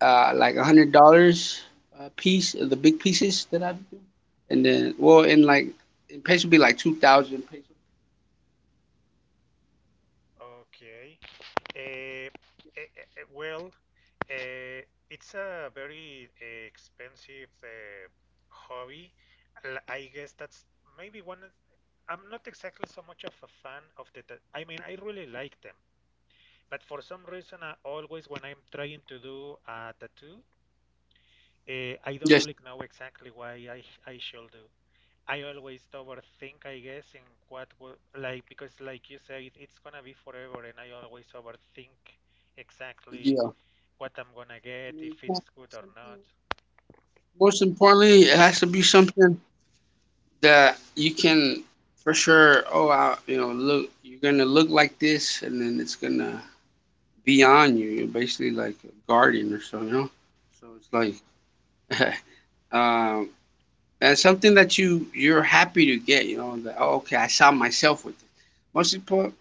S2: uh, like a hundred dollars a piece, of the big pieces that I do, and then well, in like in pesos would be like two thousand pesos.
S1: Okay. Uh, well, uh, it's a very uh, expensive uh, hobby. L- I guess that's maybe one. I'm not exactly so much of a fan of the. ta- I mean, I really like them, but for some reason, I always when I'm trying to do a tattoo. Uh, I don't
S2: Just
S1: really know exactly why I I should do. I always overthink, I guess, in what would like because like you said, it's gonna be forever, and I always overthink exactly
S2: yeah.
S1: what I'm gonna
S2: I
S1: get,
S2: mean,
S1: if
S2: it's not
S1: it's good or not.
S2: something- most importantly, it has to be something that you can for sure. Oh, I, you know, look, you're gonna look like this, and then it's gonna be on you. You're basically like a guardian or so, you know. So it's like. Um, and something that you you're happy to get, you know, that oh, okay, I saw myself with it. Most important,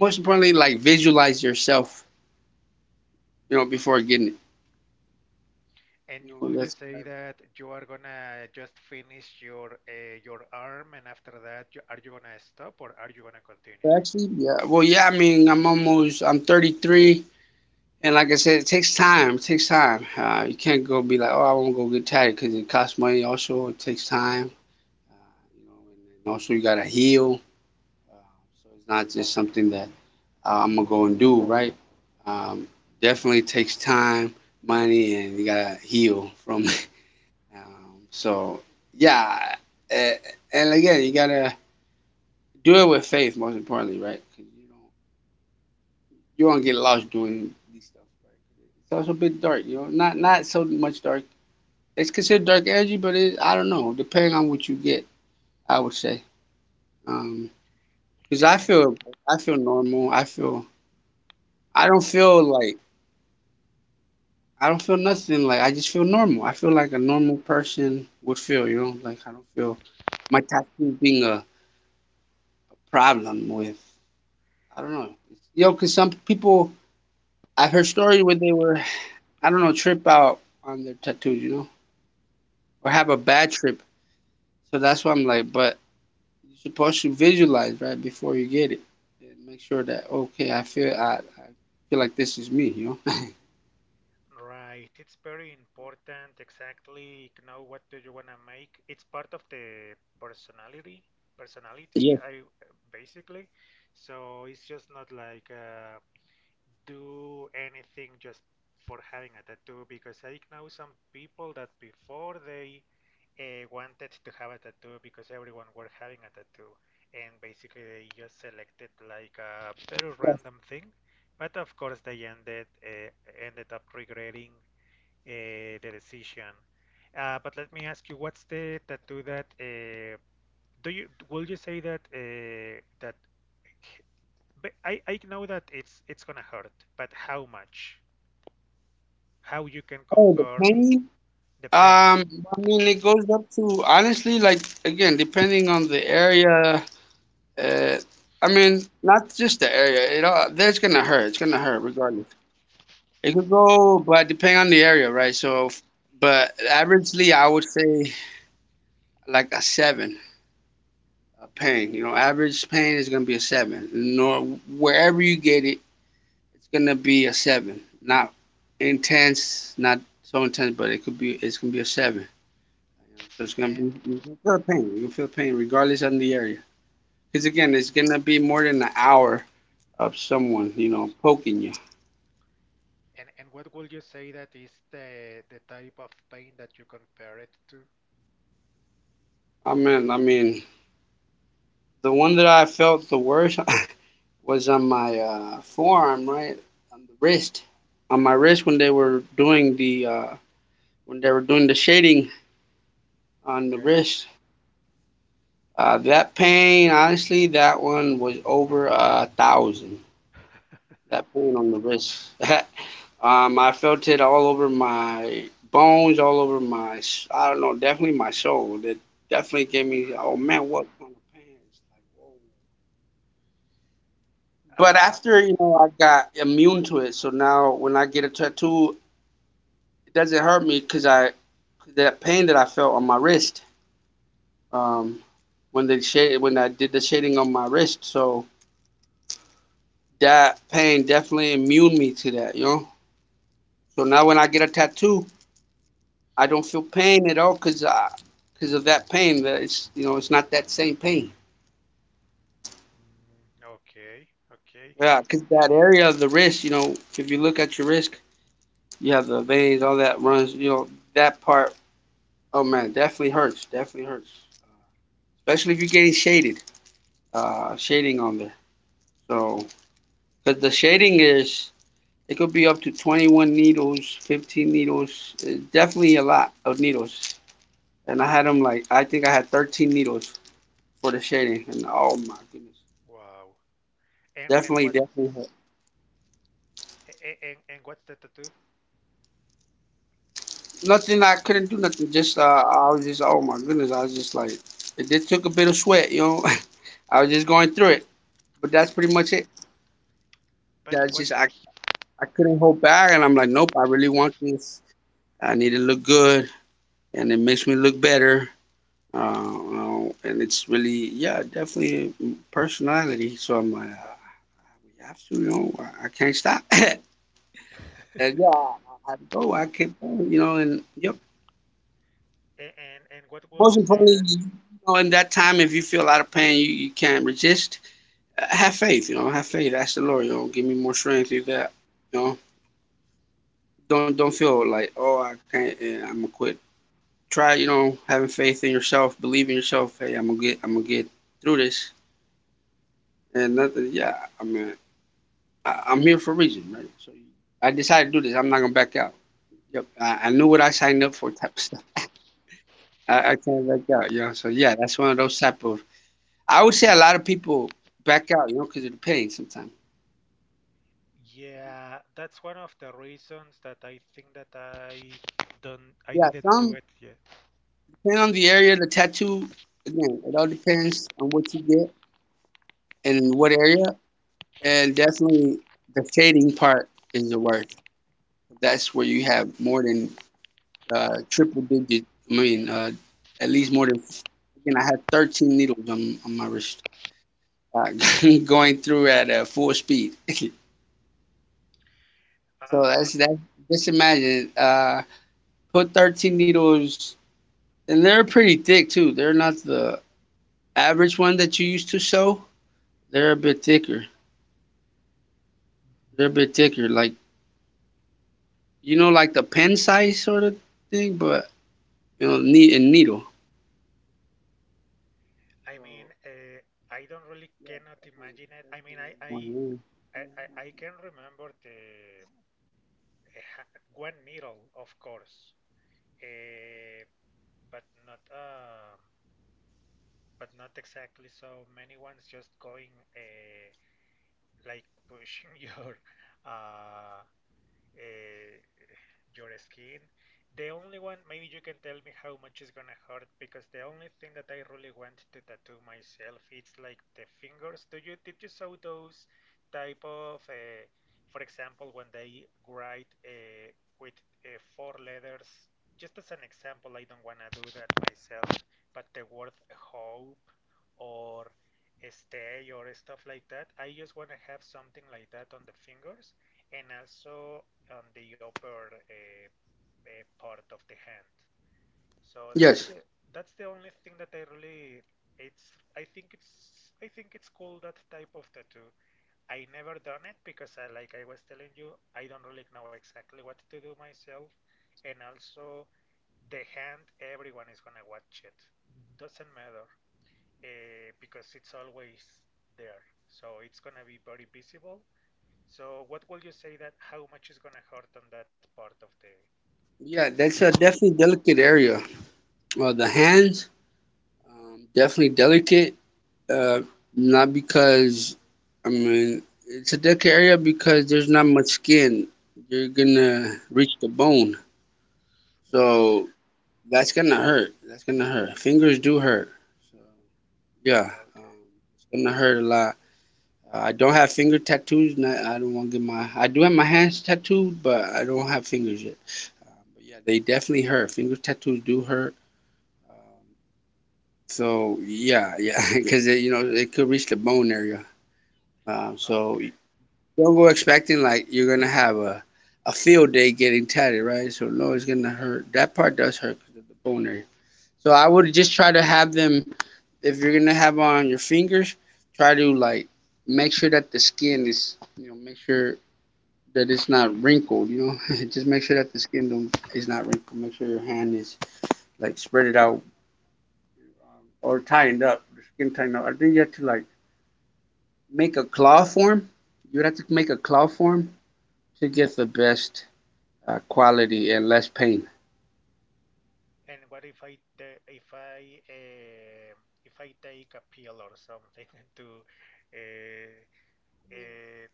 S2: most importantly, like visualize yourself, you know, before getting it. You
S1: And
S2: know
S1: would you
S2: that's
S1: say that you are gonna just finish your uh, your arm, and after that, you, are you gonna stop or are you gonna continue?
S2: actually yeah, well yeah, I mean i'm almost I'm thirty-three, and like I said it takes time, it takes time. Uh, you can't go be like oh I want to go get tatted because it costs money, also it takes time. uh, you know, and then also you gotta heal. uh, so it's not just something that uh, I'm gonna go and do, right. Um, Definitely takes time, money, and you gotta heal from it. Um, so yeah, and, and again, you gotta do it with faith, most importantly, right? 'Cause you don't you don't get lost doing these stuff, right? It's also a bit dark. You know, not not so much dark. It's considered dark energy, but it, I don't know. Depending on what you get, I would say. Because I feel I feel normal. I feel I don't feel like I don't feel nothing. Like I just feel normal. I feel like a normal person would feel. You know, like I don't feel my tattoo being a, a problem with. I don't know. You know, 'cause some people I've heard stories where they were I don't know, trip out on their tattoos. You know, or have a bad trip. So that's why I'm like, but you're supposed to visualize right before you get it and make sure that okay, I feel I, I feel like this is me, you know.
S1: Right, it's very important exactly know what do you want to make. It's part of the personality, personality,
S2: Yes.
S1: I basically. So it's just not like uh, do anything just for having a tattoo, because I know some people that before they uh, wanted to have a tattoo because everyone were having a tattoo and basically they just selected like a very
S2: Yes.
S1: random thing, but of course they ended uh, ended up regretting uh, the decision. Uh, but let me ask you, what's the tattoo that uh, do you will you say that uh, that but I I know that it's it's gonna hurt, but how much? How you can
S2: Oh, the
S1: compare
S2: pain.
S1: the pain?
S2: Um, I mean, it goes up to honestly, like again, depending on the area. Uh, I mean, not just the area. It all that's gonna hurt. It's gonna hurt regardless. It could go, but depending on the area, right? So, f- but averagely, I would say like a seven a pain. You know, average pain is gonna be a seven. Nor wherever you get it, it's gonna be a seven. Not intense, not so intense, but it could be. It's gonna be a seven. You know, so it's gonna
S1: and
S2: be you feel pain. You feel pain regardless on the area. Because again, it's gonna be more than an hour of someone, you know, poking you.
S1: and and what will you say that is the the type of pain that you compare it to?
S2: I mean, I mean, the one that I felt the worst was on my uh, forearm, right, on the wrist, on my wrist when they were doing the uh, when they were doing the shading on the
S1: Okay.
S2: wrist. Uh, that pain, honestly, that one was over a thousand. That pain on the wrist. um, I felt it all over my bones, all over my, i I don't know, definitely my soul. It definitely gave me, oh man, what kind of pain? It's like, whoa. But
S1: Uh,
S2: after, you know, I got immune to it. So now when I get a tattoo, it doesn't hurt me because I, that pain that I felt on my wrist, um, when they shade, when I did the shading on my wrist. So that pain definitely immune me to that, you know? So now when I get a tattoo, I don't feel pain at all because because of that pain. That it's, you know, it's not that same pain.
S1: mm, okay, okay.
S2: Yeah, because that area of the wrist, you know, if you look at your wrist, you have the veins, all that runs. You know that part. Oh man, definitely hurts. Definitely hurts, especially if you're getting shaded. Uh, shading on there. So because the shading is it could be up to twenty-one needles, fifteen needles. It's definitely a lot of needles. And I had them like I think I had thirteen needles for the shading. And oh my goodness.
S1: Wow. And and
S2: Definitely, definitely
S1: what's
S2: helped.
S1: a- a- and and what's the tattoo?
S2: Nothing, I couldn't do nothing. Just uh, I was just, oh my goodness, I was just like it, did took a bit of sweat, you know. I was just going through it, but that's pretty much it.
S1: But
S2: That's just
S1: what's
S2: I I couldn't hold back, and I'm like, nope, I really want this. I need to look good, and it makes me look better. Uh, you know, and it's really, yeah, definitely personality. So I'm like, uh, we have to, you know, I, I can't stop. And yeah, I had to go. I kept going, you know, and yep.
S1: a- and and what will
S2: Most
S1: you say
S2: importantly,
S1: that?
S2: you know, in that time, if you feel a lot of pain, you, you can't resist. uh, Have faith, you know. Have faith. Ask the Lord, you know, give me more strength through that, you know. Don't don't feel like oh I can't. eh, I'm gonna quit. Try, you know, having faith in yourself, believe in yourself. Hey, I'm gonna get. I'm gonna get through this. And nothing. Yeah, I mean, I, I'm here for a reason, right? So I decided to do this. I'm not gonna back out. Yep. I, I knew what I signed up for, type of stuff. I, I can't back out, you know. So yeah, that's one of those type of I would say a lot of people back out, you know, because of the pain sometimes.
S1: Yeah, that's one of the reasons that I think that I don't I
S2: Yeah,
S1: didn't do
S2: some
S1: it yet.
S2: depending on the area, the tattoo. Again, it all depends on what you get and what area, and definitely the fading part is the worst. That's where you have more than uh, triple digit. I mean, uh, at least more than. Again, I had thirteen needles on, on my wrist uh, going through at uh, full speed. So
S1: Uh,
S2: that's that. Just imagine, uh, put thirteen needles. And they're pretty thick too. They're not the average one that you used to sew. They're a bit thicker. They're a bit thicker, like you know, like the pen size sort of thing, but you know, neat and needle.
S1: I mean,
S2: So
S1: uh, I don't really
S2: yeah,
S1: cannot imagine it. I
S2: definitely,
S1: mean, I I
S2: definitely.
S1: I, I I can remember the uh, ha- one needle, of course, uh, but not uh, but not exactly so many ones. Just going uh, like pushing your uh, uh, your skin. The only one, maybe you can tell me how much is gonna hurt, because the only thing that I really want to tattoo myself it's like the fingers. Do you did you saw those type of, uh, for example, when they write uh, with uh, four letters? Just as an example, I don't wanna do that myself, but the word hope or stay or stuff like that. I just wanna have something like that on the fingers, and also on the upper uh, uh, part of the hand. So that's
S2: Yes.
S1: the that's the only thing that I really it's I think it's I think it's cool, that type of tattoo. I never done it because, I like I was telling you, I don't really know exactly what to do myself, and also the hand, everyone is gonna watch it. Doesn't matter uh, because it's always there. So it's gonna be very visible, so what will you say that how much is gonna hurt on that part of the the,
S2: Yeah,
S1: the
S2: that's
S1: hand?
S2: a definitely delicate area. Well, the hands, um, definitely delicate. Uh, not because, I mean, it's a delicate area because there's not much skin. You're
S1: Right.
S2: gonna reach the bone. So that's gonna hurt. That's gonna hurt. Fingers do hurt. So yeah, um,
S1: Okay.
S2: it's gonna hurt a lot. Uh, I don't have finger tattoos, and I, I don't want to get my. I do have my hands tattooed, but I don't have fingers yet. Um, but yeah, they definitely hurt. Finger tattoos do hurt. Um, so yeah, yeah, because you know it could reach the bone area. Um, so
S1: Okay.
S2: don't go expecting like you're gonna have a a field day getting tatted, right? So no, it's gonna hurt. That part does hurt because of the bone area. So I would just try to have them, if you're gonna have on your fingers, try to like make sure that the skin is, you know, make sure that it's not wrinkled. You know, just make sure that the skin don't, is not wrinkled. Make sure your hand is like spread it out or tightened up. The skin tightened up. I think you have to like make a claw form. You would have to make a claw form to get the best uh, quality and less pain.
S1: And what if I if I um if I take a pill or something to uh, uh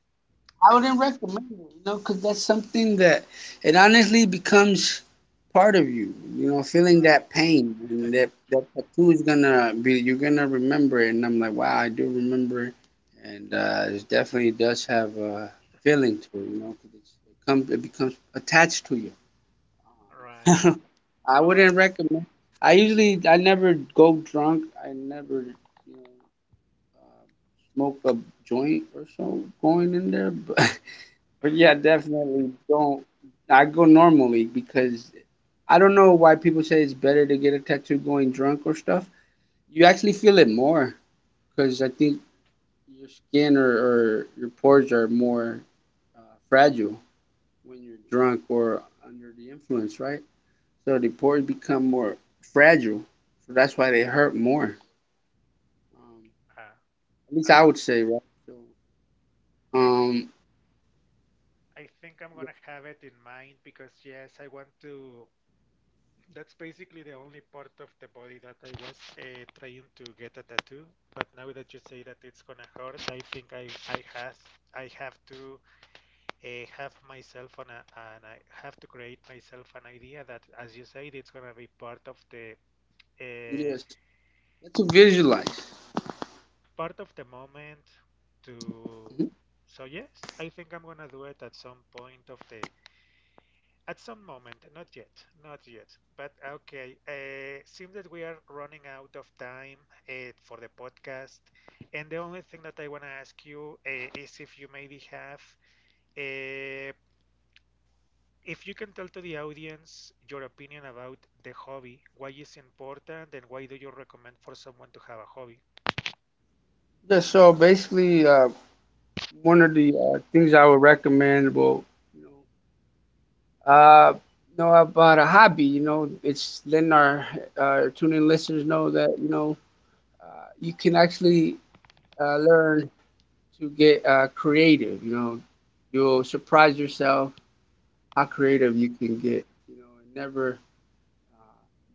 S2: I
S1: basic
S2: wouldn't recommend it, you know, because that's something that it honestly becomes part of you. You know, feeling
S1: right,
S2: that pain and that that tattoo is gonna be you're gonna remember it. And I'm like, wow, I do remember it, and uh, it definitely does have a feeling to it. You know, because it comes it becomes attached to you.
S1: right,
S2: Um, I
S1: no, I
S2: wouldn't recommend. I usually I never go drunk. I never you know uh, smoke a joint or so going in there, but but yeah, definitely don't. I go normally because I don't know why people say it's better to get a tattoo going drunk or stuff. You actually feel it more because I think your skin or, or your pores are more uh, fragile when you're drunk or under the influence, right? So the pores become more fragile. So that's why they hurt more. Um,
S1: uh,
S2: at least I
S1: I
S2: would
S1: see.
S2: say, right? So,
S1: I think
S2: um,
S1: I think I'm gonna have it in mind, because yes I want to. That's basically the only part of the body that I was uh, trying to get a tattoo. But now that you say that it's gonna hurt, I think I I have I have to uh, have myself on a, and I have to create myself an idea that, as you said, it's gonna be part of the uh,
S2: yes, let's visualize.
S1: part of the moment. To,
S2: Mhm.
S1: so yes, I think I'm gonna do it at some point of the. At some moment, not yet, not yet. But okay, uh, seems that we are running out of time uh, for the podcast. And the only thing that I want to ask you uh, is if you maybe have, uh, if you can tell to the audience your opinion about the hobby, why it's important, and why do you recommend for someone to have a hobby?
S2: Yeah, so basically, uh, one of the uh, things I would recommend, well, you know, uh, know about a hobby. You know, it's letting our uh, tuning listeners know that you know uh, you can actually uh, learn to get uh, creative. You know, you'll surprise yourself how creative you can get. You know, and never uh,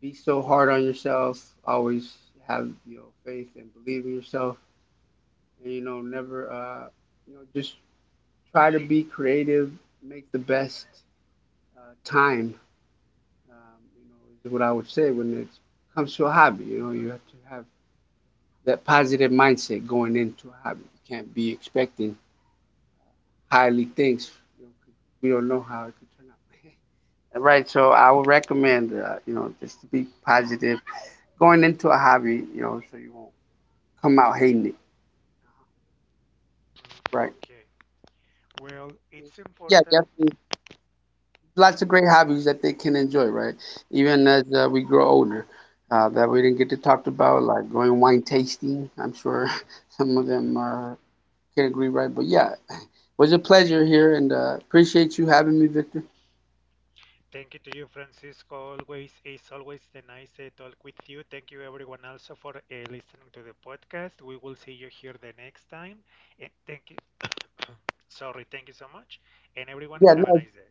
S2: be so hard on yourself. Always have, you know, faith and believe in yourself, and you know never uh, you know just try to be creative, make the best. Uh, time, um, you know, is what I would say when it comes to a hobby. You know, you have to have that positive mindset going into a hobby. You can't be expecting highly things. You know, 'cause we don't know how it could turn out. Right. So I would recommend, uh, you know, just to be positive going into a hobby. You know, so you won't come out hating it.
S1: Mm,
S2: Right.
S1: okay. Well, it's
S2: Yeah,
S1: important.
S2: definitely. Lots of great hobbies that they can enjoy, right? Even as uh, we grow older, uh, that we didn't get to talk about, like going wine tasting. I'm sure some of them uh, can agree, right? But yeah, was a pleasure here, and uh, appreciate you having me, Victor.
S1: Thank you to you, Francisco. Always, it's always the nice to talk with you. Thank you, everyone, also for uh, listening to the podcast. We will see you here the next time. And thank you. Sorry, thank you so much. And everyone,
S2: Yeah,
S1: have a
S2: no,
S1: nice day.